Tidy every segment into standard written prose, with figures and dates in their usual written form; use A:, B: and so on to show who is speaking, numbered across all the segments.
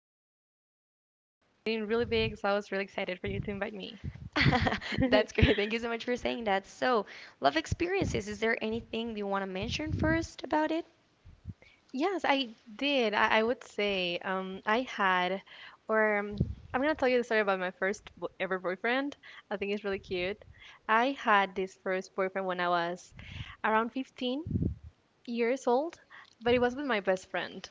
A: about you the other day. You're getting really big, so I was really excited for you to invite me.
B: That's great. Thank you so much for saying that. So, love experiences, is there anything you want to mention first about it?
A: Yes, I did. I would say I had, or I'm gonna tell you the story about my first bo ever boyfriend. I think it's really cute. I had this first boyfriend when I was around 15 years old, but it was with my best friend.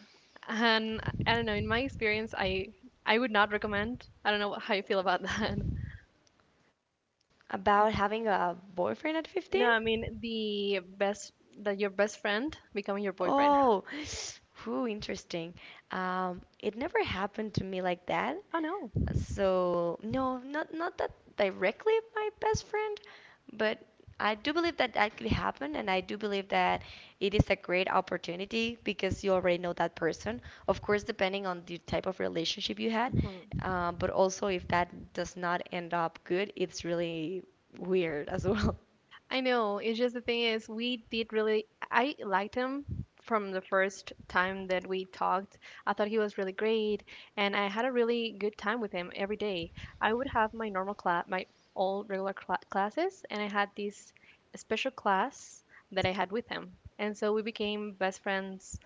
A: And I don't know, in my experience, I would not recommend. I don't know how you feel about that.
B: About having a boyfriend at
A: No,
B: 15?
A: I mean the best that your best friend becoming your boyfriend.
B: Oh, whew, interesting. It never happened to me like that.
A: Oh no.
B: So no, not that directly my best friend, but I do believe that that could happen, and I do believe that it is a great opportunity because you already know that person. Of course, depending on the type of relationship you had,
A: Mhm.
B: but also if that does not end up good, it's really weird as well.
A: I know. It's just the thing is, we did really. I liked him from the first time that we talked. I thought he was really great, and I had a really good time with him every day. I would have my normal class, my old regular classes, and I had this special class that I had with him. And so we became best friends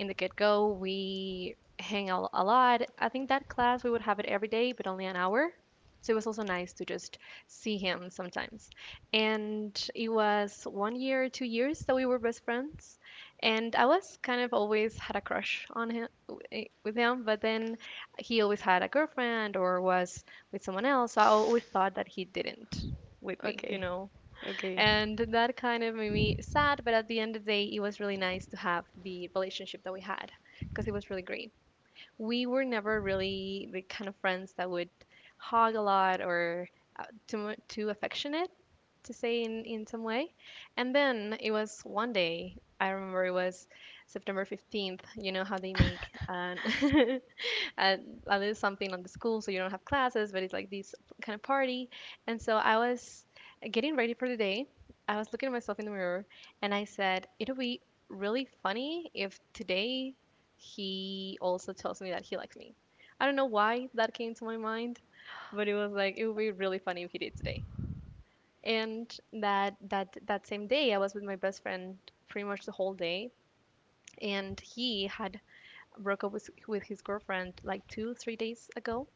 A: in the get-go. We hang out a lot. I think that class we would have it every day, but only an hour. So it was also nice to just see him sometimes, and it was one year, 2 years that we were best friends. And I was kind of always had a crush on him, with him, but then he always had a girlfriend or was with someone else. So I always thought that he didn't with me, you
B: Okay,
A: know.
B: okay,
A: And that kind of made me sad, but at the end of the day, it was really nice to have the relationship that we had, because it was really great. We were never really the kind of friends that would hog a lot or too affectionate to say in some way. And then it was one day. I remember it was September 15th. You know how they make an and I did something on the school, so you don't have classes, but it's like this kind of party. And so I was getting ready for the day. I was looking at myself in the mirror, and I said, "It'll be really funny if today he also tells me that he likes me." I don't know why that came to my mind, but it was like it would be really funny if he did today. And that same day, I was with my best friend pretty much the whole day, and he had broke up with his girlfriend like 2 3 days ago,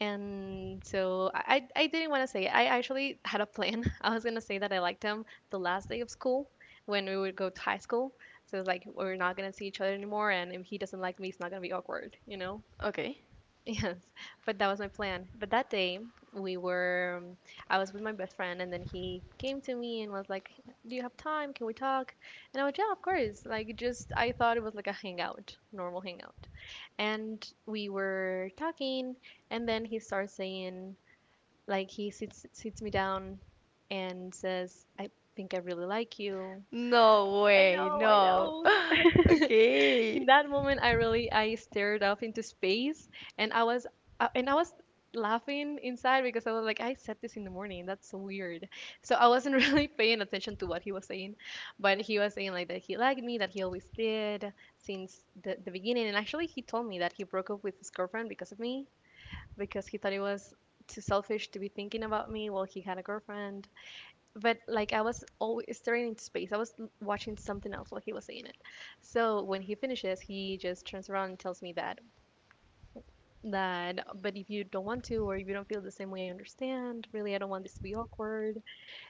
A: and so I didn't want to say it. I actually had a plan. I was going to say that I liked him the last day of school, when we would go to high school. So it's like, we're not going to see each other anymore, and if he doesn't like me, it's not going to be awkward, you know?
B: okay.
A: Yes, but that was my plan. But that day we were, um, I was with my best friend, and then he came to me and was like, "Do you have time? Can we talk?" And I was, "Yeah, of course." Like, just I thought it was like a hangout, normal hangout. And we were talking, and then he starts saying, like, he sits me down and says, "I think I really like you."
B: No
A: I
B: way,
A: know, I
B: no.
A: know. In
B: Okay.
A: that moment I stared up into space, and I was laughing inside, because I was like, I said this in the morning, that's so weird. So I wasn't really paying attention to what he was saying, but he was saying like that he liked me, that he always did since the beginning, and actually he told me that he broke up with his girlfriend because of me, because he thought it was too selfish to be thinking about me while he had a girlfriend. But like, I was always staring into space. I was watching something else while he was saying it. So when he finishes, he just turns around and tells me that, but if you don't want to, or if you don't feel the same way, I understand. Really, I don't want this to be awkward.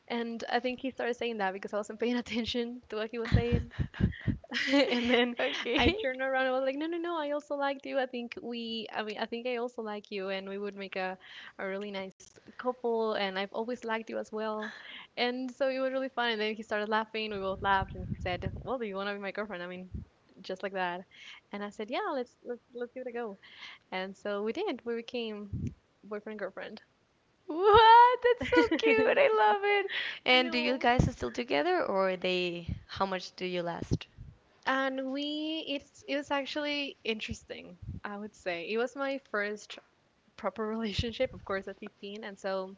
A: And I think he started saying that because I wasn't paying attention to what he was saying. And then I
B: Okay.
A: turned around and was like, no, no, no, I also liked you. I mean, I think I also like you, and we would make a really nice couple. And I've always liked you as well. And so it was really fun. And then he started laughing. We both laughed, and he said, well, do you want to be my girlfriend? I mean, just like that. And I said, yeah, let's give it a go. And so we did. We became boyfriend girlfriend.
B: What? That's so cute.
A: I
B: I love it. And do you
A: know.
B: guys are still together or are they how much do you last?
A: And we, it's it was actually interesting, I would say. It was my first proper relationship, of course, at 15. And so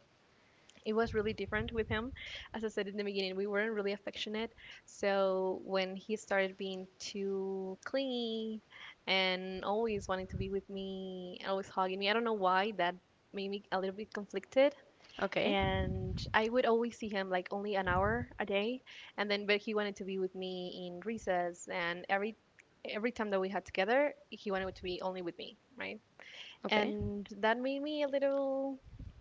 A: it was really different with him. As I said in the beginning, we weren't really affectionate. So when he started being too clingy and always wanting to be with me, always hugging me, I don't know why that made me a little bit conflicted.
B: Okay.
A: And I would always see him like only an hour a day. And then, but he wanted to be with me in recess, and every time that we had together, he wanted to be only with me, right?
B: Okay.
A: And that made me a little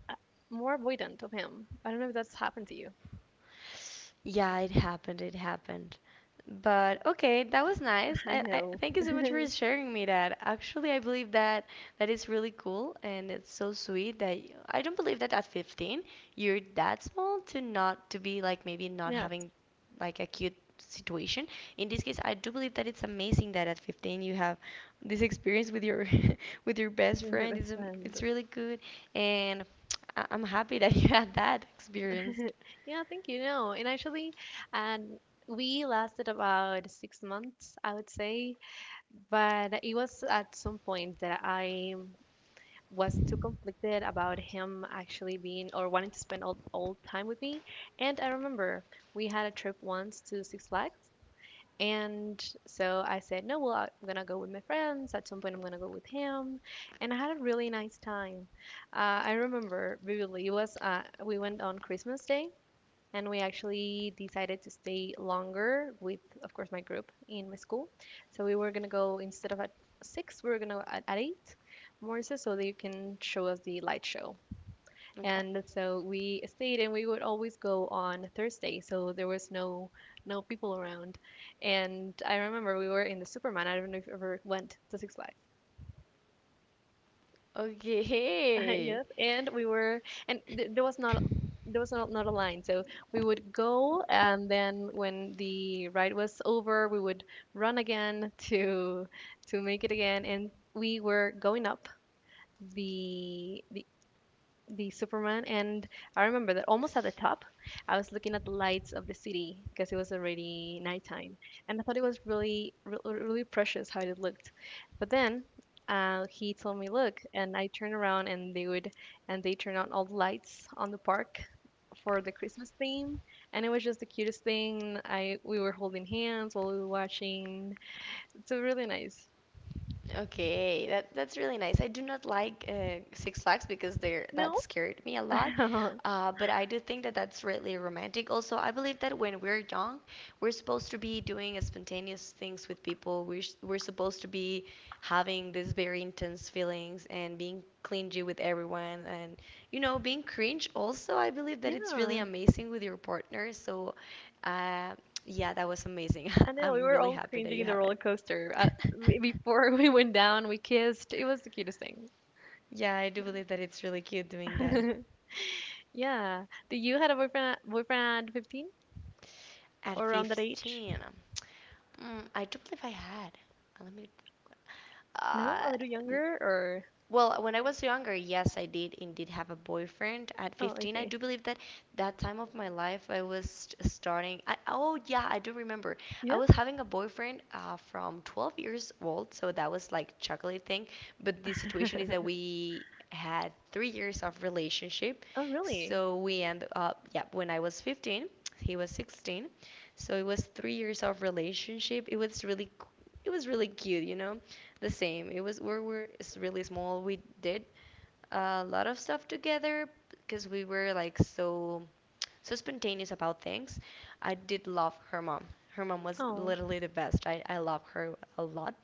A: uh, more avoidant of him. I don't know if that's happened to you.
B: Yeah, it happened. It happened. But okay, that was nice.
A: I
B: I
A: know.
B: thank you so much for sharing me that. Actually, I believe that that is really cool and it's so sweet that I don't believe that at 15 you're that small to not to be like maybe not
A: Yes,
B: having like a cute situation. In this case, I do believe that it's amazing that at 15 you have this experience with your with your best
A: you're my
B: friend.
A: best
B: It's
A: friend.
B: it's really good and I'm happy that you had that experience.
A: Yeah, thank you. No, and actually, and we lasted about 6 months, I would say, but it was at some point that I was too conflicted about him actually being or wanting to spend all time with me. And I remember we had a trip once to Six Flags. And so I said, no, well, I'm going to go with my friends. At some point, I'm going to go with him. And I had a really nice time. I remember vividly, we went on Christmas Day, and we actually decided to stay longer with, of course, my group in my school. So we were going to go instead of at six, we were going to go at eight, more so, so that you can show us the light show.
B: Okay.
A: And so we stayed, and we would always go on Thursday, so there was no people around. And I remember we were in the Superman. I don't know if you ever went to Six Flags.
B: Okay.
A: Yes, and we were, and th- there was not there was not, not a line, so we would go, and then when the ride was over, we would run again to make it again. And we were going up the the the Superman, and I remember that almost at the top, I was looking at the lights of the city because it was already nighttime, and I thought it was really precious how it looked. But then he told me, "Look," and I turned around, and they turned on all the lights on the park for the Christmas theme, and it was just the cutest thing. I We were holding hands while we were watching. It's a really nice.
B: Okay, that's really nice. I do not like Six Flags because they're that
A: No,
B: scared me a lot. But I do think that that's really romantic. Also, I believe that when we're young, we're supposed to be doing spontaneous things with people. We're supposed to be having these very intense feelings and being clingy with everyone and being cringe also. I believe that it's really
A: yeah.
B: amazing with your partner. So, uh, yeah, that was amazing.
A: I know we
B: I'm
A: were
B: really
A: all
B: happy that
A: cringing
B: you
A: in the
B: have
A: roller
B: it.
A: coaster. Before we went down, we kissed. It was the cutest thing.
B: Yeah, I do believe that it's really cute doing that.
A: Yeah. Did you had a boyfriend at 15,
B: At
A: or around that age?
B: 15, I do believe I had. Let me.
A: No,
B: Uh,
A: a little younger or
B: Well, when I was younger, yes, I did indeed have a boyfriend at
A: Oh, I
B: 15. I
A: see.
B: do believe that that time of my life I was starting. Oh, yeah, I do remember. I
A: Yeah.
B: was having a boyfriend from 12 years old, so that was like chocolate thing. But the situation is that we had 3 years of relationship,
A: Oh, really?
B: so we end up, yeah, when I was 15, he was 16, so it was 3 years of relationship. It was really cute, you know. The same. It was we were s- Really small. We did a lot of stuff together because we were like so spontaneous about things. I did love her mom. Her mom was
A: Oh,
B: literally the best. I love her a lot.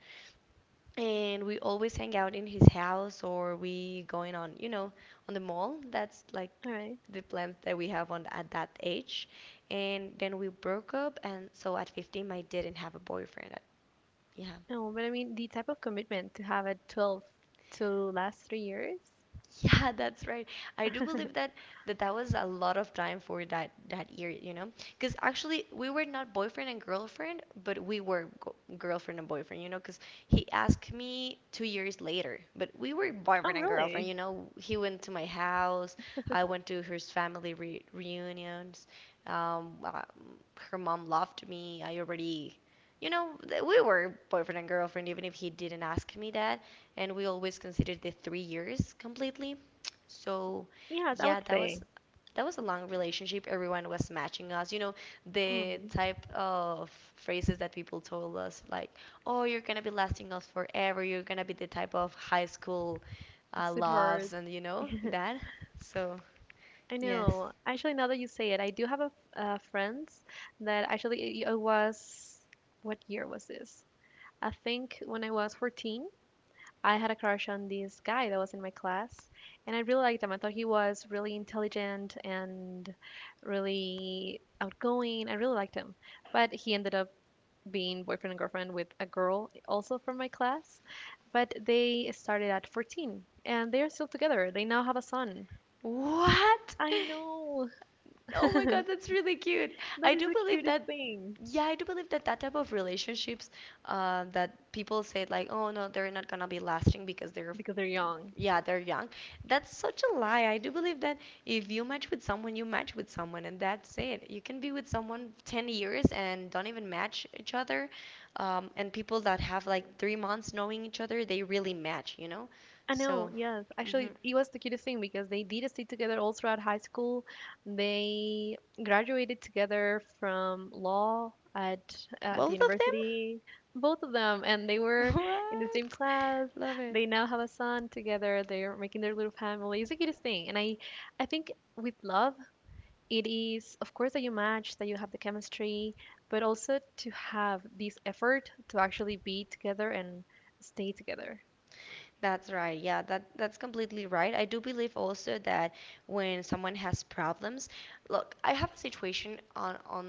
B: And we always hang out in his house or we going on, on the mall. That's like
A: all right.
B: the plans that we have on at that age. And then we broke up and so at 15 I didn't have a boyfriend. Yeah.
A: No, but I mean the type of commitment to have at 12 to last 3 years?
B: Yeah, that's right. I do believe that was a lot of time for that year, you know? Because actually we were not boyfriend and girlfriend, but we were go girlfriend and boyfriend, you know? Because he asked me 2 years later, but we were
A: Oh,
B: boyfriend and girlfriend,
A: really?
B: you know? He went to my house, I went to his family re reunions. Um, uh, Her mom loved me. I already you know, We were boyfriend and girlfriend even if he didn't ask me that. And we always considered the 3 years completely. So,
A: Yes, I
B: yeah,
A: would
B: that was
A: say.
B: that was a long relationship. Everyone was matching us. You know, the
A: Mm,
B: type of phrases that people told us, like, "Oh, you're gonna be lasting us forever. You're gonna be the type of high school loves,"
A: sweetheart,
B: and you know that. So,
A: I
B: yes.
A: know. Actually, now that you say it, I do have a friends that actually it was, what year was this? I think when I was 14, I had a crush on this guy that was in my class, and I really liked him. I thought he was really intelligent and really outgoing. I really liked him, but he ended up being boyfriend and girlfriend with a girl also from my class, but they started at 14 and they are still together. They now have a son.
B: What?
A: I know.
B: Oh my God, that's really cute.
A: That
B: I
A: is
B: do
A: the
B: believe
A: cutest
B: that,
A: thing.
B: Yeah, I do believe that that type of relationships that people say like, oh no, they're not gonna be lasting because they're,
A: Because they're young.
B: yeah, they're young. That's such a lie. I do believe that if you match with someone, you match with someone, and that's it. You can be with someone 10 years and don't even match each other. And people that have like 3 months knowing each other, they really match, you know?
A: I know,
B: So,
A: yes.
B: mhm.
A: Actually, it was the cutest thing, because they did stay together all throughout high school. They graduated together from law at the
B: Both of them?
A: university, both of them, and they were in the same
B: What?
A: class.
B: Love it.
A: They now have a son together. They're making their little family. It's the cutest thing, and I think with love it is of course that you match, that you have the chemistry, but also to have this effort to actually be together and stay together.
B: That's right. Yeah, that's completely right. I do believe also that when someone has problems, look, I have a situation on on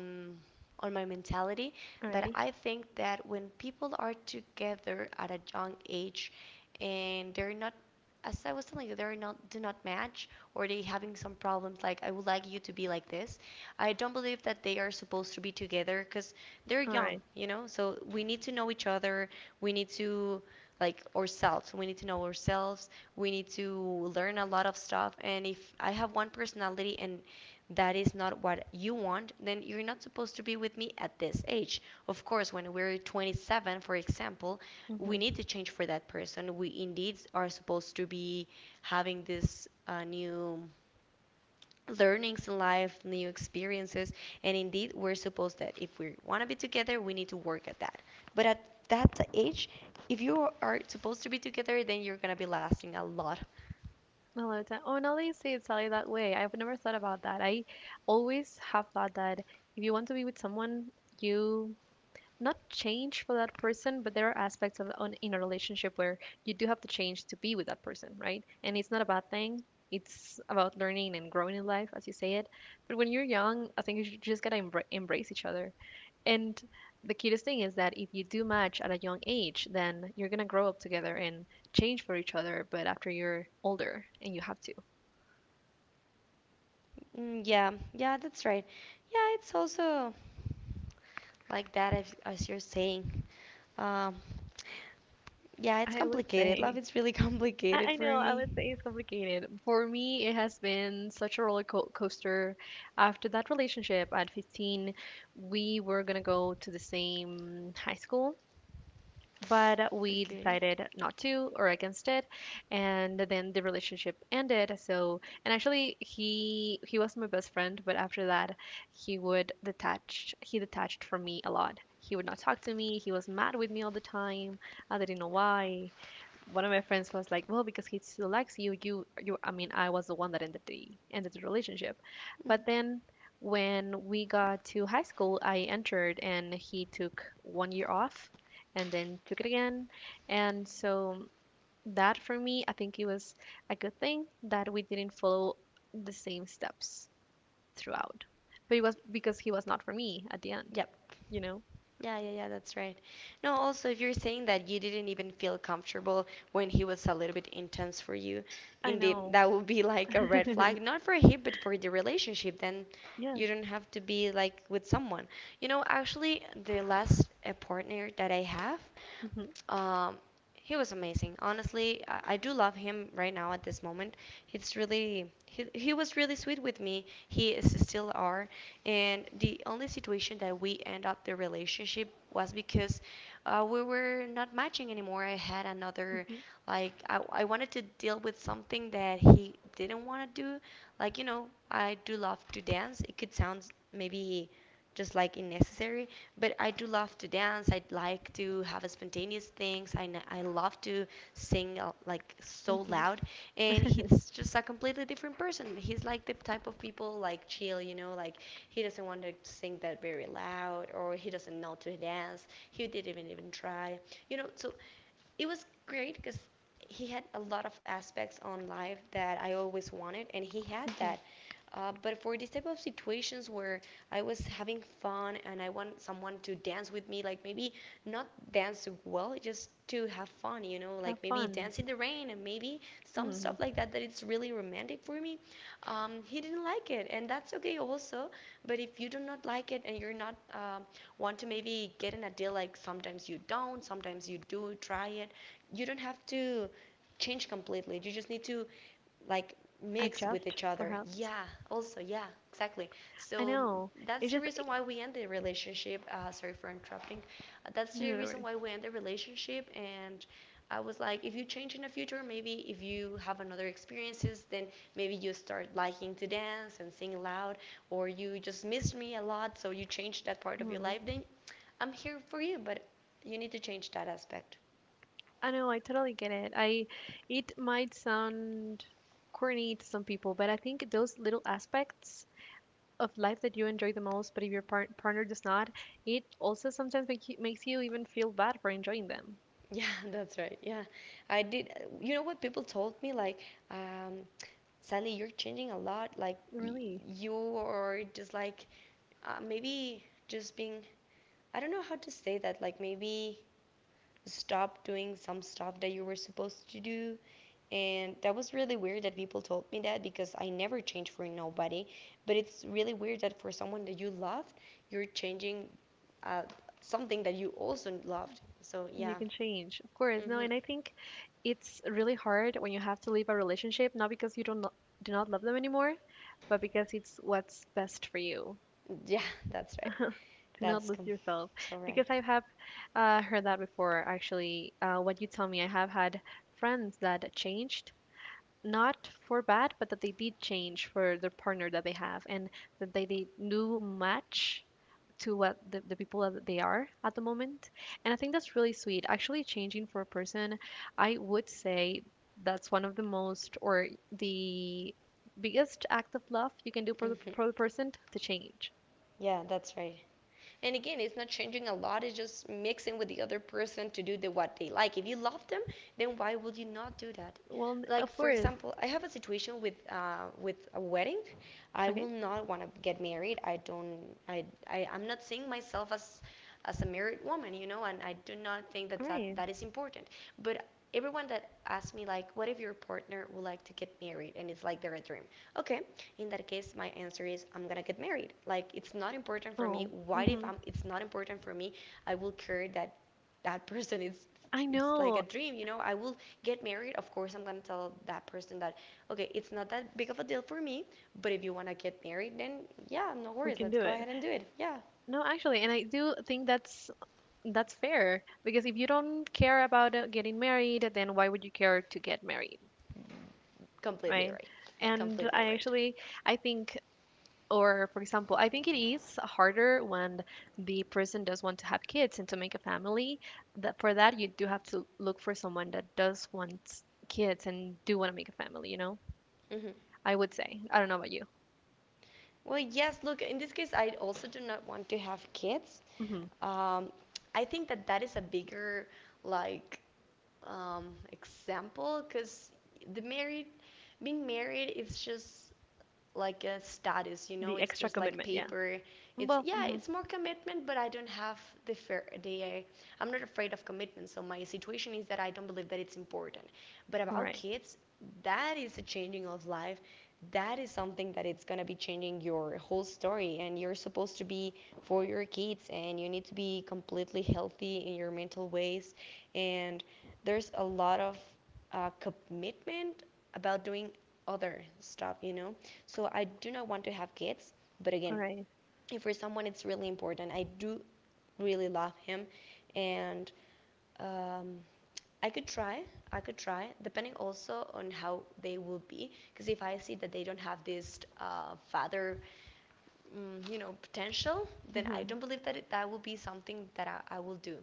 B: on my mentality that
A: Alrighty.
B: I think that when people are together at a young age and they're not as I was telling you, they're not do not match or they having some problems like I would like you to be like this. I don't believe that they are supposed to be together because they're
A: All
B: young,
A: right.
B: you know? So we need to know each other. We need to like ourselves. We need to know ourselves. We need to learn a lot of stuff. And if I have one personality and that is not what you want, then you're not supposed to be with me at this age. Of course, when we're 27, for example, we need
A: Mm-hmm.
B: to change for that person. We indeed are supposed to be having this new learnings in life, new experiences, and indeed, we're supposed that if we want to be together, we need to work at that. But at that age, if you are supposed to be together, then you're gonna be lasting a lot.
A: I love that. Oh, now that you say it, Sally, that way, I've never thought about that. I always have thought that if you want to be with someone, you not change for that person, but there are aspects of on, in a relationship where you do have to change to be with that person, right? And it's not a bad thing. It's about learning and growing in life, as you say it. But when you're young, I think you just gotta embrace each other. And the cutest thing is that if you do match at a young age, then you're gonna grow up together and change for each other. But after you're older, and you have to.
B: Mm, yeah, yeah, that's right. Yeah, it's also like that as you're saying. Um, yeah, it's
A: I would
B: complicated. Love
A: say.
B: is really
A: I,
B: complicated
A: I
B: for
A: know, I
B: me.
A: would say it's complicated. For me, it has been such a roller coaster. After that relationship at 15, we were gonna go to the same high school, but we
B: Okay.
A: decided not to or against it, and then the relationship ended. So, and actually he was my best friend, but after that he would detach, he detached from me a lot. He would not talk to me, he was mad with me all the time. I didn't know why. One of my friends was like, well, because he still likes you. You I mean, I was the one that ended the relationship
B: Mhm.
A: but then when we got to high school, I entered and he took one year off, and then cook it again. And so that, for me, I think it was a good thing that we didn't follow the same steps throughout. But it was because he was not for me at the end,
B: Yep.
A: you know?
B: Yeah, yeah, yeah, that's right. No, also, if you're saying that you didn't even feel comfortable when he was a little bit intense for you,
A: I
B: indeed,
A: know.
B: that would be like a red flag, not for him, but for the relationship. Then
A: Yes.
B: you don't have to be like with someone. You know, actually, the last partner that I have,
A: Hmm.
B: um, he was amazing. Honestly, I do love him right now at this moment. It's really he was really sweet with me. He is still are. And the only situation that we end up the relationship was because we were not matching anymore. I had another,
A: Hmm.
B: like, I wanted to deal with something that he didn't want to do. Like, I do love to dance. It could sound maybe just like in necessary. But I do love to dance. I like to have a spontaneous things. I love to sing like so
A: Hmm.
B: loud. And he's just a completely different person. He's like the type of people like chill, like he doesn't want to sing that very loud or he doesn't know to dance. He didn't even try. So it was great because he had a lot of aspects on life that I always wanted, and he had
A: Hmm.
B: that. But for this type of situations where I was having fun and I want someone to dance with me, like maybe not dance well, just to have fun, like
A: Have
B: maybe
A: fun.
B: dance in the rain and maybe some
A: Hmm.
B: stuff like that, that it's really romantic for me. He didn't like it, and that's okay also. But if you do not like it and you're not want to maybe get in a deal, like sometimes you don't, sometimes you do try it, you don't have to change completely. You just need to like mix with
A: Adjust,
B: each other.
A: perhaps.
B: Yeah, also, yeah, exactly.
A: I
B: So
A: know. It
B: that's the
A: just
B: reason why we end the relationship. Sorry for interrupting. That's
A: no,
B: the
A: no, no.
B: reason
A: Worry.
B: why we end the relationship. And I was like, if you change in the future, maybe if you have another experiences, then maybe you start liking to dance and sing loud, or you just missed me a lot, so you change that part of your
A: Mm.
B: life, then I'm here for you, but you need to change that aspect.
A: I know. I totally get it. I, it might sound corny to some people, but I think those little aspects of life that you enjoy the most, but if your partner does not, it also sometimes makes you even feel bad for enjoying them.
B: Yeah, that's right. Yeah, I did. You know what people told me? Like, um, Sally, you're changing a lot. Like, y
A: Really,
B: you are just like maybe just being. I don't know how to say that. Like, maybe stop doing some stuff that you were supposed to do. And that was really weird that people told me that because I never change for nobody. But it's really weird that for someone that you loved, you're changing uh, something that you also loved. So
A: you
B: yeah.
A: can change, of course. No,
B: Hmm.
A: and I think it's really hard when you have to leave a relationship, not because you don't lo- do not love them anymore, but because it's what's best for you.
B: Yeah, that's right.
A: Do not
B: That's
A: lose
B: com-
A: yourself,
B: so right.
A: because I have heard that before. Actually, what you tell me, I have had friends that changed, not for bad, but that they did change for the partner that they have, and that they do match to what the people that they are at the moment. And I think that's really sweet. Actually, changing for a person, I would say that's one of the most, or the biggest act of love you can do for
B: Hmm.
A: for the person to change.
B: Yeah, that's right. And again, it's not changing a lot. It's just mixing with the other person to do the what they like. If you love them, then why would you not do that?
A: Well,
B: Like,
A: of
B: for
A: course.
B: example, I have a situation with a wedding. I
A: Okay.
B: will not want to get married. I don't. I'm not seeing myself as a married woman, you know, and I do not think that
A: All right.
B: that is important. But everyone that asks me, like, what if your partner would like to get married and it's like they're a dream? Okay, in that case, my answer is I'm gonna get married. Like, it's not important for me.
A: Oh,
B: Why if
A: hmm.
B: I'm, it's not important for me? I will care that person is,
A: I
B: it's like
A: know.
B: a dream, you know? I will get married. Of course, I'm gonna tell that person that, okay, it's not that big of a deal for me, but if you wanna get married, then yeah, no
A: We
B: worries.
A: can
B: Let's
A: do
B: go
A: it.
B: ahead and do it. Yeah,
A: No, actually, and I do think that's fair, because if you don't care about getting married, then why would you care to get married,
B: completely
A: right?
B: right.
A: And
B: Completely
A: I
B: right.
A: actually I think, or for example, I think it is harder when the person does want to have kids and to make a family. That, for that, you do have to look for someone that does want kids and do want to make a family, you know?
B: Hmm.
A: I would say. I don't know about you.
B: Well, yes, look, in this case, I also do not want to have kids.
A: Hmm.
B: Um, I think that that is a bigger, like, example, because the married being married is just like a status, you know.
A: The
B: It's
A: extra
B: just like
A: commitment, yeah.
B: paper. It's,
A: Well,
B: yeah,
A: mhm.
B: it's more commitment, but I don't have the fear. The I'm not afraid of commitment. So my situation is that I don't believe that it's important. But
A: All
B: about
A: right.
B: kids, that is a changing of life. That is something that it's gonna be changing your whole story, and you're supposed to be for your kids, and you need to be completely healthy in your mental ways. And there's a lot of commitment about doing other stuff, you know. So I do not want to have kids, but
A: All
B: again,
A: right.
B: if for someone it's really important, I do really love him, and um, I could try. I could try, depending also on how they will be. Because if I see that they don't have this father, you know, potential, then I don't believe that that will be something that I will do.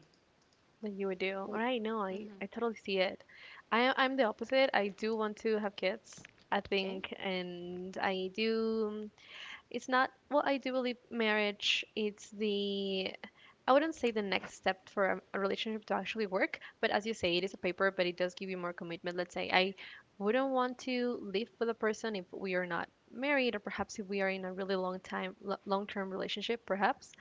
A: That you would do. All right, no, I,
B: Mm-hmm.
A: I totally see it. I'm the opposite. I do want to have kids, I
B: Okay,
A: think, and I do. It's not, well, I do believe marriage, it's the I wouldn't say the next step for a relationship to actually work, but as you say, it is a paper, but it does give you more commitment. Let's say I wouldn't want to live with a person if we are not married, or perhaps if we are in a really long time, long-term relationship, perhaps.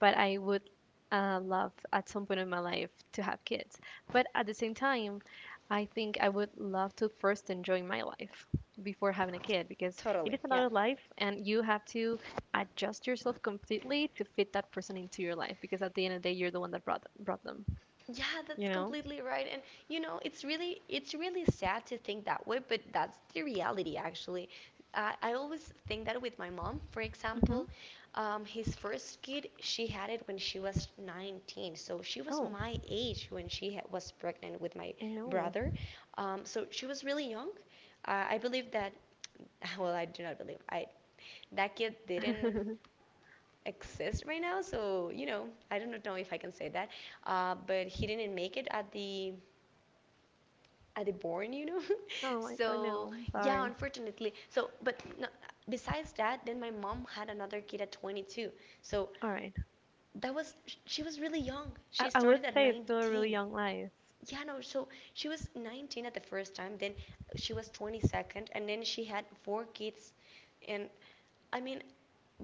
A: But I would love at some point in my life to have kids. But at the same time, I think I would love to first enjoy my life before having a kid, because it is
B: totally. Yeah.
A: another life, and you have to adjust yourself completely to fit that person into your life, because at the end of the day you're the one that brought them
B: Yeah,
A: you
B: that's
A: know.
B: completely right. And you know, it's really sad to think that way, but that's the reality actually. I always think that with my mom, for
A: Hmm.
B: example, his first kid, she had it when she was 19. So she was
A: Oh,
B: my age when she ha was pregnant with my
A: I know.
B: brother. So she was really young. I believe that, well, I do not believe I that kid didn't exist right now. So you know, I don't know if I can say that, but he didn't make it at the born, you know.
A: Oh, I
B: so
A: know,
B: yeah,
A: sorry.
B: unfortunately. So but no, besides that, then my mom had another kid at 22. So
A: All right.
B: that was she was really young.
A: I,
B: She
A: I would
B: started at
A: say it's still a really
B: 19.
A: young life.
B: Yeah, no, so she was 19 at the first time, then she was 22nd, and then she had four kids. And, I mean,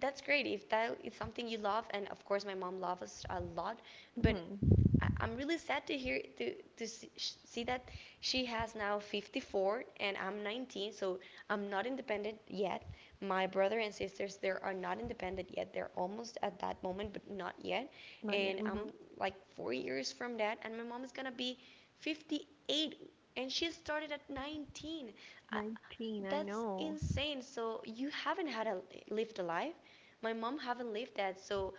B: that's great if that is something you love, and of course my mom loves us a lot, but
A: Hmm.
B: I'm really sad to hear, to see, that she has now 54, and I'm 19, so I'm not independent yet. My brother and sisters, they are not independent yet, they're almost at that moment, but not yet.
A: Not yet.
B: And I'm
A: Hmm.
B: like 4 years from that, and my mom is gonna be 58, and she started at 19. I,
A: 19, I
B: that's
A: know.
B: insane, so you haven't had a lived a life. My mom haven't lived that, so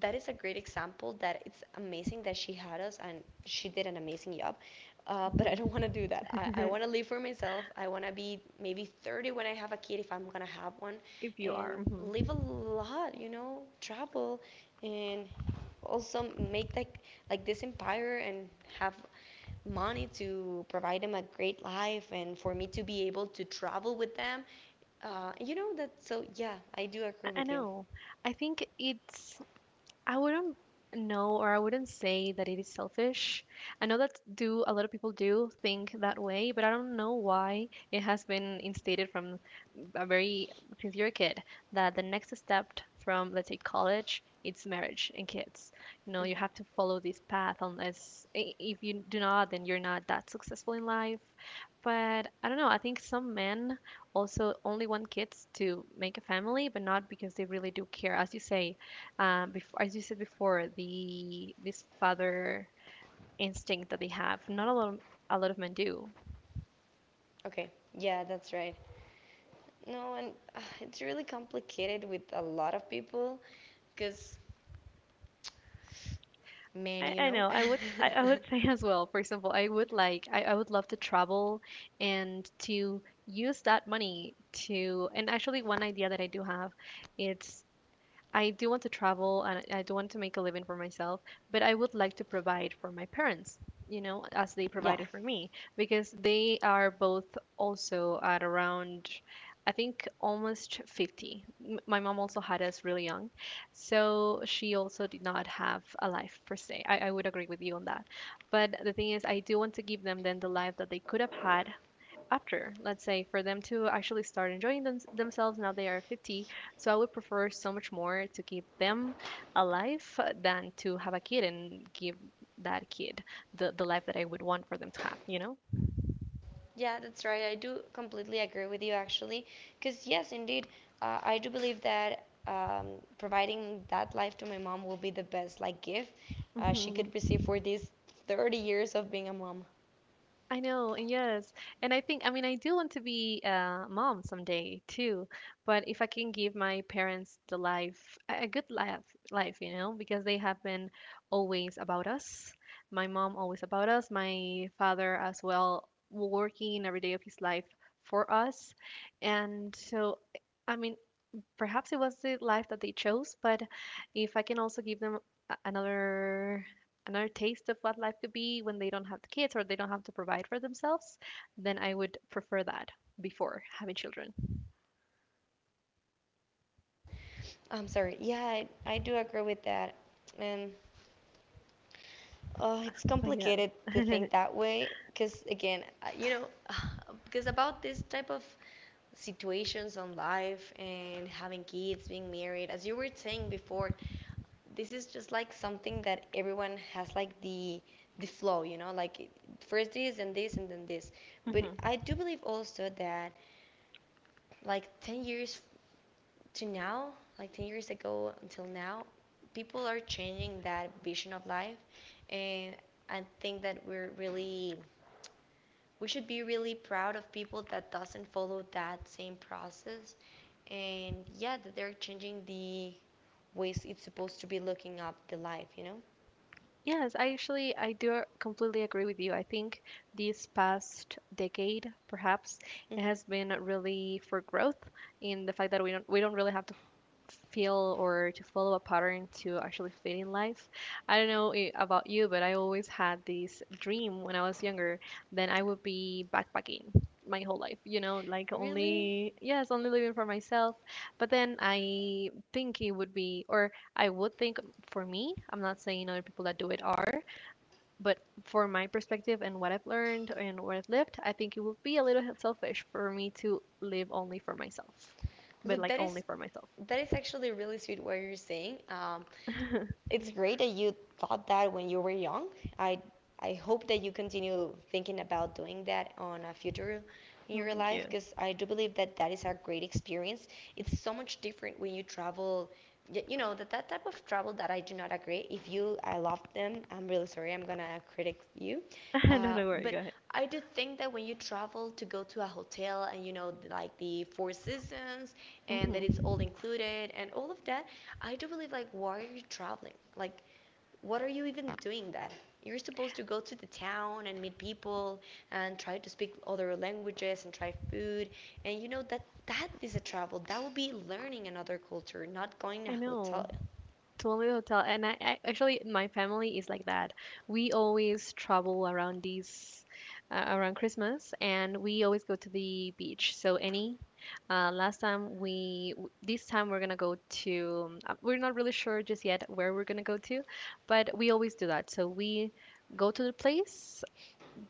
B: that is a great example. That it's amazing that she had us, and she did an amazing job, but I
A: Mhm.
B: don't want to do that. I want to live for myself. I want to be maybe 30 when I have a kid, if I'm gonna have one,
A: If you
B: and
A: are, hmm.
B: live a lot, you know, travel, and also make, like, this empire and have money to provide them a great life and for me to be able to travel with them. You know that, so yeah, I do agree
A: I
B: with you.
A: know, I think it's I wouldn't know, or I wouldn't say that it is selfish. I know that do a lot of people do think that way, but I don't know why it has been instated from a very, since you're a kid, that the next step from, let's say, college it's marriage and kids. You know, you
B: Mhm.
A: have to follow this path, unless if you do not, then you're not that successful in life. But I don't know, I think some men also only want kids to make a family, but not because they really do care. As you say, before, as you said before, the this father instinct that they have. Not a lot, of, a lot of men do.
B: Okay, yeah, that's right. No, and it's really complicated with a lot of people because, man,
A: I,
B: you
A: I
B: know.
A: know. I would, I would say as well. For example, I would like, I would love to travel and to use that money to. And actually, one idea that I do have, it's I do want to travel and I do want to make a living for myself, but I would like to provide for my parents, you know, as they
B: yeah,
A: provided for me, because they are both also at around, I think, almost 50. My mom also had us really young, so she also did not have a life per se. I would agree with you on that. But the thing is, I do want to give them then the life that they could have had after, let's say, for them to actually start enjoying themselves. Now they are 50, so I would prefer so much more to keep them alive than to have a kid and give that kid the life that I would want for them to have, you
B: yeah, that's right. I do completely agree with you actually. Because, yes, indeed, I do believe that providing that life to my mom will be the best, like, gift she
A: know.
B: could receive for these 30 years of being a mom.
A: I know, and yes. And I think, I mean, I do want to be a mom someday too, but if I can give my parents the life, a good life, life, you know, because they have been always about us. My mom always about us, my father as well, working every day of his life for us. And so, I mean, perhaps it was the life that they chose, but if I can also give them another another taste of what life could be when they don't have the kids or they don't have to provide for themselves, then I would prefer that before having children.
B: I'm sorry. Yeah, I do agree with that. And it's
A: But yeah.
B: complicated to think that way because, again, you know, because about this type of situations on life and having kids, being married, as you were saying before, this is just like something that everyone has, like, the flow, you know, like first this and this and then this. But
A: Mhm.
B: I do believe also that, like, 10 years to now, like 10 years ago until now, people are changing that vision of life. And I think that we should be really proud of people that doesn't follow that same process, and yeah, that they're changing the ways it's supposed to be looking up the life, you know.
A: Yes, I actually I do completely agree with you. I think this past decade, perhaps, it
B: Hmm.
A: has been really for growth, in the fact that we don't really have to feel or to follow a pattern to actually fit in life. I don't know, about you, but I always had this dream when I was younger that I would be backpacking my whole life, you know, like
B: Really?
A: only, yes, only living for myself. But then I think it would be, or I would think for me. I'm not saying other people that do it are, but for my perspective and what I've learned and where I've lived, I think it would be a little selfish for me to live only for myself, but
B: Look,
A: like
B: that
A: only
B: is
A: for myself.
B: actually really sweet what you're saying. It's great that you thought that when you were young. I I hope that you continue thinking about doing that on a future in
A: No,
B: your
A: thank
B: life,
A: you.
B: because I do believe that that is a great experience. It's so much different when you travel. You know that that type of travel that I do not agree. If you, I love them, I'm really sorry, I'm gonna critic you,
A: No, don't worry.
B: but
A: Go ahead.
B: I do think that when you travel to go to a hotel and you know like the Four Seasons and that it's
A: Hmm.
B: all included and all of that, I do believe, like, why are you traveling? Like, what are you even doing that? You're supposed to go to the town and meet people and try to speak other languages and try food. And you know that that is a travel. That would be learning another culture, not going to
A: I
B: a
A: know.
B: hotel.
A: Totally hotel. And I actually my family is like that. We always travel around these around Christmas, and we always go to the beach. So any last time we this time we're gonna go to we're not really sure just yet where we're gonna go to, but we always do that. So we go to the place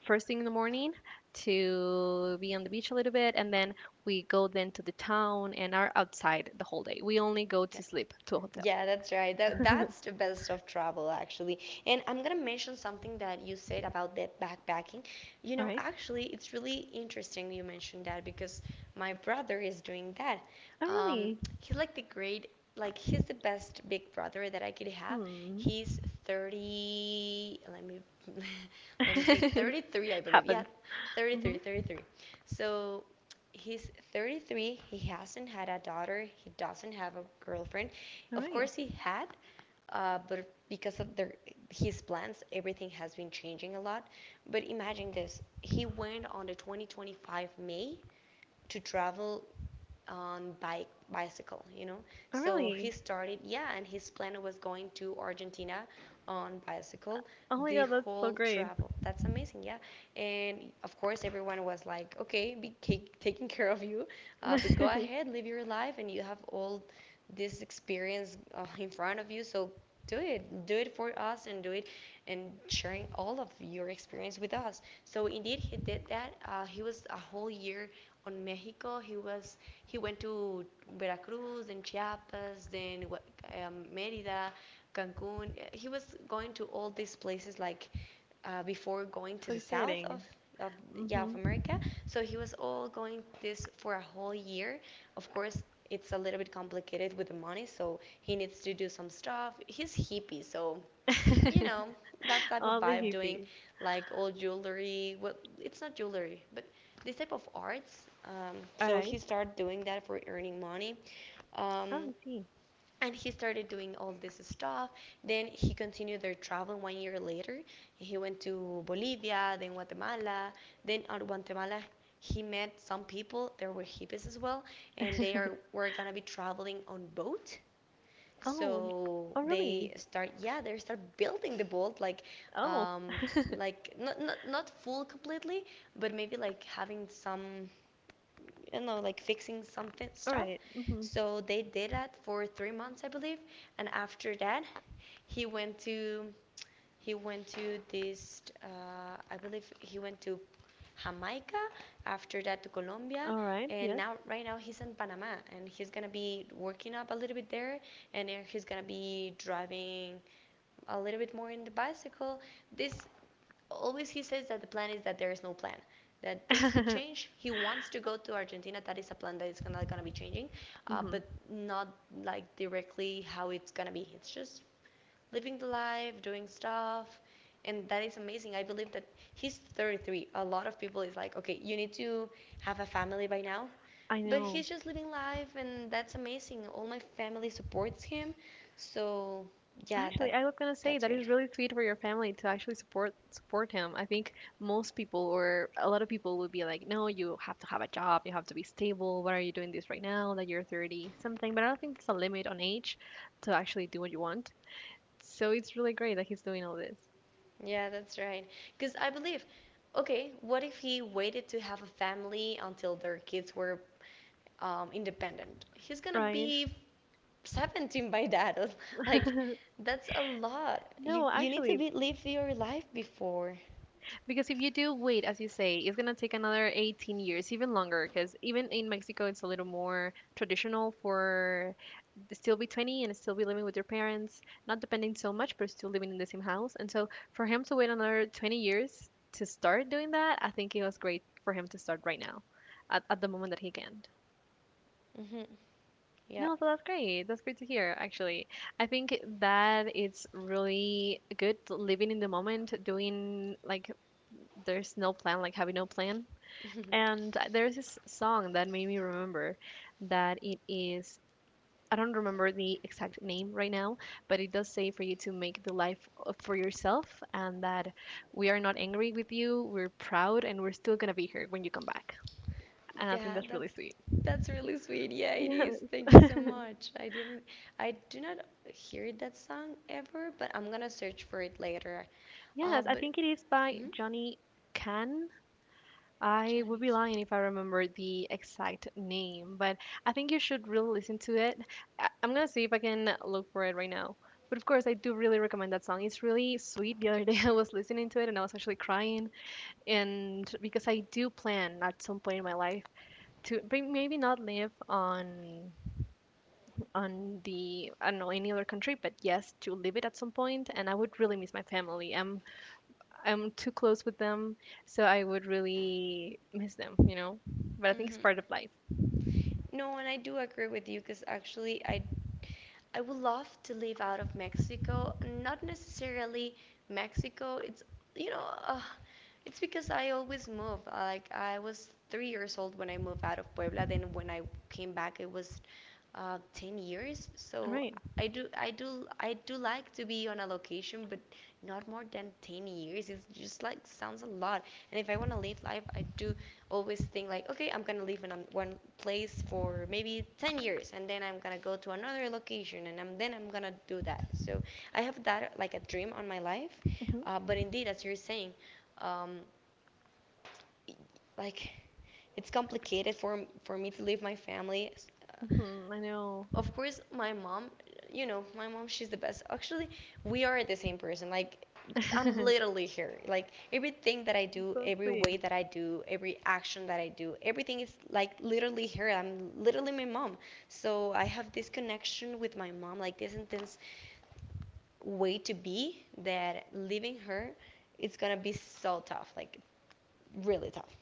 A: first thing in the morning to be on the beach a little bit, and then we go then to the town and are outside the whole day. We only go
B: Yeah.
A: to sleep to a hotel.
B: Yeah, that's right. That's the best of travel, actually. And I'm gonna mention something that you said about the backpacking. You
A: All
B: know,
A: right.
B: actually, it's really interesting you mentioned that, because my brother is doing that.
A: Oh,
B: Um,
A: really?
B: he's like the great, like, he's the best big brother that I could have.
A: Hmm.
B: He's 30. Let me let me think. 33, I believe. Yeah,
A: Happens. Mm-hmm.
B: 33. So he's 33, he hasn't had a daughter, he doesn't have a girlfriend.
A: All
B: Of
A: right.
B: course, he had, but because of his plans, everything has been changing a lot. But imagine this: he went on the 2025 May to travel on bike bicycle, you know.
A: Oh,
B: So he
A: really?
B: started, yeah, and his plan was going to Argentina on bicycle,
A: Oh my
B: the
A: God, that's so
B: whole
A: great.
B: travel, that's amazing, yeah. And of course everyone was like, okay, taking care of you, but go ahead, live your life, and you have all this experience in front of you, so do it for us, and do it and sharing all of your experience with us. So indeed he did that, he was a whole year on Mexico. He went to Veracruz, then Chiapas, then Merida, Cancun. He was going to all these places, like, before going to
A: So
B: the south
A: exciting.
B: of yeah, of
A: Mm-hmm.
B: America. So he was all going this for a whole year. Of course, it's a little bit complicated with the money, so he needs to do some stuff. He's hippie, so you know, that type of
A: All the
B: vibe, doing
A: hippie.
B: like old jewelry, well, it's not jewelry, but this type of arts.
A: All
B: So
A: right.
B: he started doing that for earning money, um,
A: Oh, I see.
B: and he started doing all this stuff, then he continued their travel one year later. He went to Bolivia, then Guatemala, then out Guatemala, he met some people, there were hippies as well, and they are were gonna be traveling on boat.
A: Oh,
B: So
A: oh,
B: they
A: really?
B: start yeah, they start building the boat, like,
A: Oh,
B: um like, not not full completely, but maybe like having some, you know, like, fixing some
A: all
B: stuff.
A: right. Mm-hmm.
B: So they did that for 3 months, I believe. And after that, he went to he went to this, I believe he went to Jamaica. After that to Colombia,
A: All right.
B: and
A: Yes.
B: now right now he's in Panama, and he's gonna be working up a little bit there, and then he's gonna be driving a little bit more in the bicycle. This— always he says that the plan is that there is no plan, that things could change. He wants to go to Argentina. That is a plan that is gonna be changing,
A: Mm-hmm.
B: but not like directly how it's gonna be. It's just living the life, doing stuff, and that is amazing. I believe that he's 33. A lot of people is like, okay, you need to have a family by now,
A: I
B: but
A: know.
B: he's just living life, and that's amazing. All my family supports him, so yeah,
A: Actually,
B: that
A: I was gonna say
B: that's
A: that is
B: great.
A: really sweet for your family to actually support him. I think most people or a lot of people would be like, "No, you have to have a job. You have to be stable. Why are you doing this right now that you're 30 something?" But I don't think there's a limit on age to actually do what you want. So it's really great that he's doing all this.
B: Yeah, that's right. Because I believe, okay, what if he waited to have a family until their kids were independent? He's gonna
A: Right.
B: be 17 by that. Like, that's a lot. You
A: No,
B: you need to
A: actually,
B: be live your life before.
A: because if you do wait, as you say, it's gonna take another 18 years, even longer, because even in Mexico, it's a little more traditional for to still be 20 and still be living with your parents, not depending so much, but still living in the same house. And so for him to wait another 20 years to start doing that, I think it was great for him to start right now, at the moment that he can.
B: Hmm Yep.
A: No, so that's great. That's great to hear, actually. I think that it's really good living in the moment, doing like there's no plan, like having no plan, and there's this song that made me remember that it is, I don't remember the exact name right now, but it does say for you to make the life for yourself, and that we are not angry with you, we're proud, and we're still gonna be here when you come back. And I think
B: Yeah,
A: that's really
B: that's
A: sweet.
B: that's really sweet. Yeah, it
A: Yeah.
B: is. Thank you so much. I didn't— I do not hear that song ever, but I'm gonna search for it later.
A: Yes, I
B: But
A: think it is by
B: mm
A: Johnny. Can, I would
B: Johnny
A: be
B: Cash.
A: lying if I remember the exact name, but I think you should really listen to it. I'm gonna see if I can look for it right now. But of course, I do really recommend that song. It's really sweet. The other day I was listening to it and I was actually crying. And because I do plan at some point in my life to maybe not live on the, I don't know, any other country, but yes, to live it at some point. And I would really miss my family. I'm too close with them, so I would really miss them, you know? But I think it's
B: Mm-hmm.
A: part of life.
B: No, and I do agree with you, because actually I— I would love to live out of Mexico, not necessarily Mexico. It's, you know, it's because I always move. Like I was 3 years old when I moved out of Puebla. Then when I came back, it was 10 years.
A: All
B: So
A: right.
B: I do like to be on a location, but not more than 10 years. It's just like sounds a lot. And if I want to live life, I do always think like, okay, I'm gonna live in one place for maybe 10 years, and then I'm gonna go to another location, and then I'm gonna do that. So I have that like a dream on my life,
A: Mm-hmm.
B: but indeed, as you're saying, um, like it's complicated for me to leave my family. uh,
A: Mm-hmm. I know.
B: of course my mom, you know, my mom, she's the best. Actually, we are the same person. Like, I'm literally here. Like, everything that I do,
A: So
B: every way
A: sweet.
B: that I do, every action that I do, everything is like literally here. I'm literally my mom. So I have this connection with my mom, like this intense way to be, that leaving her, it's gonna be so tough. Like, really tough.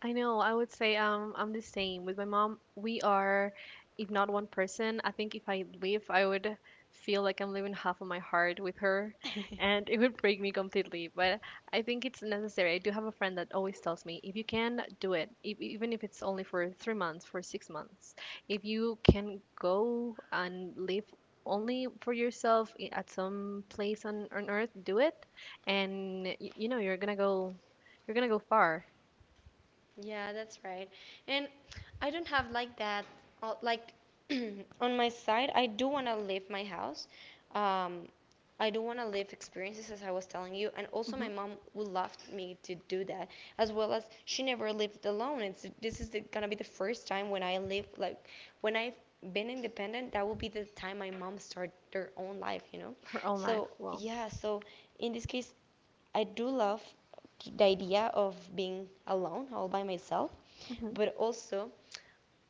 A: I know. I would say I'm the same. With my mom, we are, if not one person, I think if I leave, I would feel like I'm leaving half of my heart with her, and it would break me completely. But I think it's necessary. I do have a friend that always tells me, if you can do it, if, even if it's only for 3 months, for 6 months, if you can go and live only for yourself, at some place on earth, do it, and you know you're gonna go far.
B: Yeah, that's right. And I don't have like that, uh, like on my side, I do want to leave my house. Um, I do want to live experiences, as I was telling you. And also, my mom would love me to do that, as well as she never lived alone. It's— this is the— gonna be the first time when I live, like, when I've been independent. That will be the time my mom start their own life, you know.
A: Her own life.
B: So
A: Well,
B: yeah, so in this case, I do love the idea of being alone all by myself,
A: mhm.
B: but also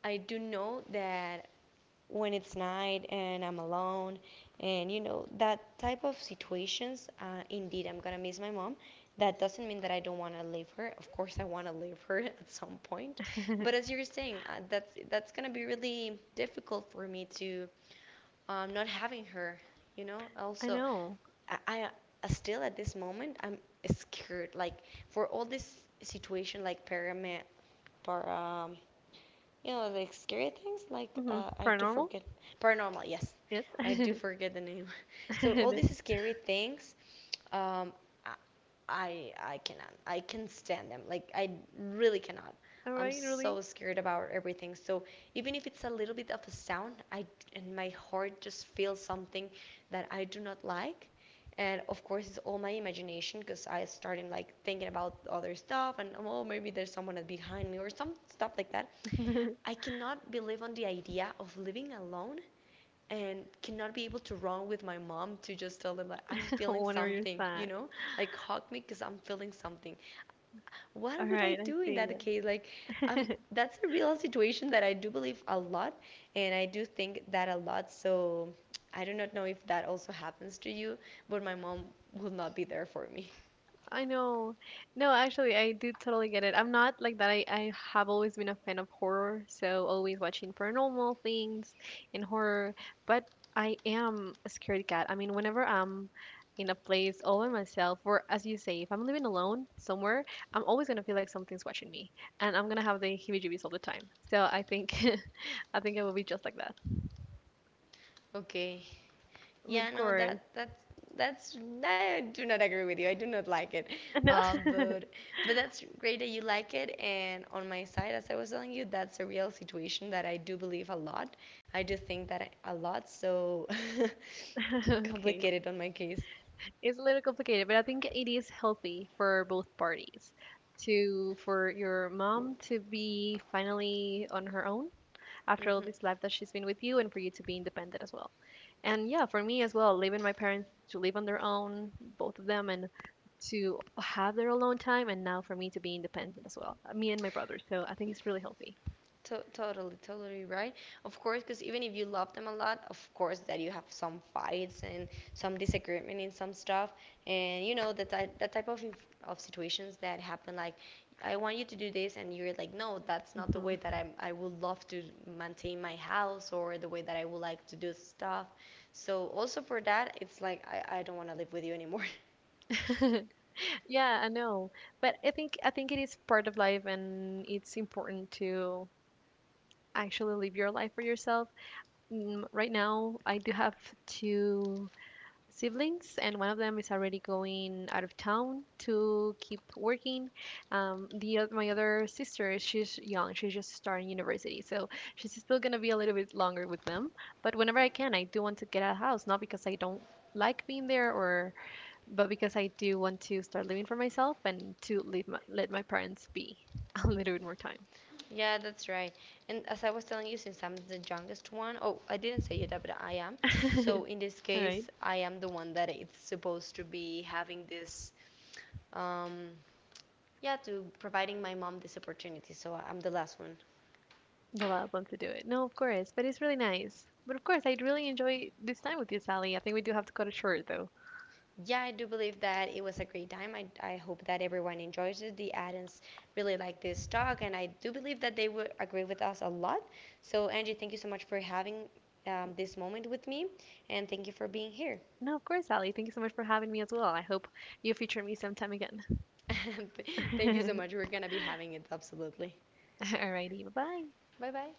B: I do know that when it's night and I'm alone. And, you know, that type of situations, indeed, I'm going to miss my mom. That doesn't mean that I don't want to leave her. Of course, I want to leave her at some point. But as you're saying, that's going to be really difficult for me to not having her, you know?
A: I
B: Also,
A: know.
B: I still at this moment, I'm scared, like, for all this situation, like parame para um, you know, like scary things. Like,
A: Hmm.
B: I do
A: Paranormal?
B: forget— paranormal. Yes,
A: Yes.
B: I do forget the name. So all these scary things, um, I I cannot. I can stand them. Like, I really cannot.
A: All
B: I'm
A: right, really?
B: so scared about everything. So even if it's a little bit of a sound, I— and my heart just feels something that I do not like. And of course it's all my imagination, because I started like thinking about other stuff, and, oh, maybe there's someone behind me or some stuff like that. I cannot believe on the idea of living alone and cannot be able to run with my mom to just tell them, like, I'm feeling
A: Whenever you're
B: something, you
A: sad.
B: know, like hug me because I'm feeling something.
A: All
B: What would I
A: right, I
B: do in
A: see.
B: that case? Like, that's a real situation that I do believe a lot, and I do think that a lot. So I do not know if that also happens to you, but my mom will not be there for me.
A: I know. No, actually, I do totally get it. I'm not like that. I have always been a fan of horror, so always watching paranormal things and horror. But I am a scared cat. I mean, whenever I'm in a place all by myself, or as you say, if I'm living alone somewhere, I'm always gonna feel like something's watching me, and I'm gonna have the heebie-jeebies all the time. So I think I think it will be just like that.
B: Okay.
A: But
B: Yeah,
A: of
B: no, that
A: course,
B: that's that's I do not agree with you. I do not like it,
A: no.
B: um, but but that's great that you like it. And on my side, as I was telling you, that's a real situation that I do believe a lot. I do think that I— a lot. So
A: Okay.
B: complicated on my case.
A: It's a little complicated, but I think it is healthy for both parties. To for your mom to be finally on her own after all this
B: Hmm
A: life that she's been with you, and for you to be independent as well. And yeah, for me as well, leaving my parents to live on their own, both of them, and to have their alone time, and now for me to be independent as well, me and my brother. So I think it's really healthy.
B: To- totally, totally right. Of course, because even if you love them a lot, of course that you have some fights and some disagreement in some stuff, and you know that type of inf- of situations that happen. Like, I want you to do this, and you're like, no, that's not the way
A: Hmm.
B: that I would love to maintain my house or the way that I would like to do stuff. So also for that, it's like I don't want to live with you anymore.
A: Yeah, I know, but I think it is part of life, and it's important to actually live your life for yourself. Mm, right now, I do have 2 siblings, and one of them is already going out of town to keep working. The my other sister, she's young; she's just starting university, so she's still gonna be a little bit longer with them. But whenever I can, I do want to get out of the house, not because I don't like being there, or but because I do want to start living for myself and to leave my, let my parents be a little bit more time.
B: Yeah, that's right. And as I was telling you, since I'm the youngest one, oh, I didn't say it, but I am. So in this
A: All right.
B: case, I am the one that it's supposed to be having this, um, yeah, to providing my mom this opportunity. So I'm the last one.
A: Allow them to do it. No, of course, but it's really nice. But of course, I'd really enjoy this time with you, Sally. I think we do have to cut it short, though.
B: Yeah, I do believe that it was a great time. I hope that everyone enjoys it. The audience really like this talk, and I do believe that they would agree with us a lot. So, Angie, thank you so much for having this moment with me, and thank you for being here.
A: No, of course, Sally. Thank you so much for having me as well. I hope you feature me sometime again.
B: Thank you so much. We're going to be having it, absolutely.
A: Alrighty, bye bye.
B: Bye bye.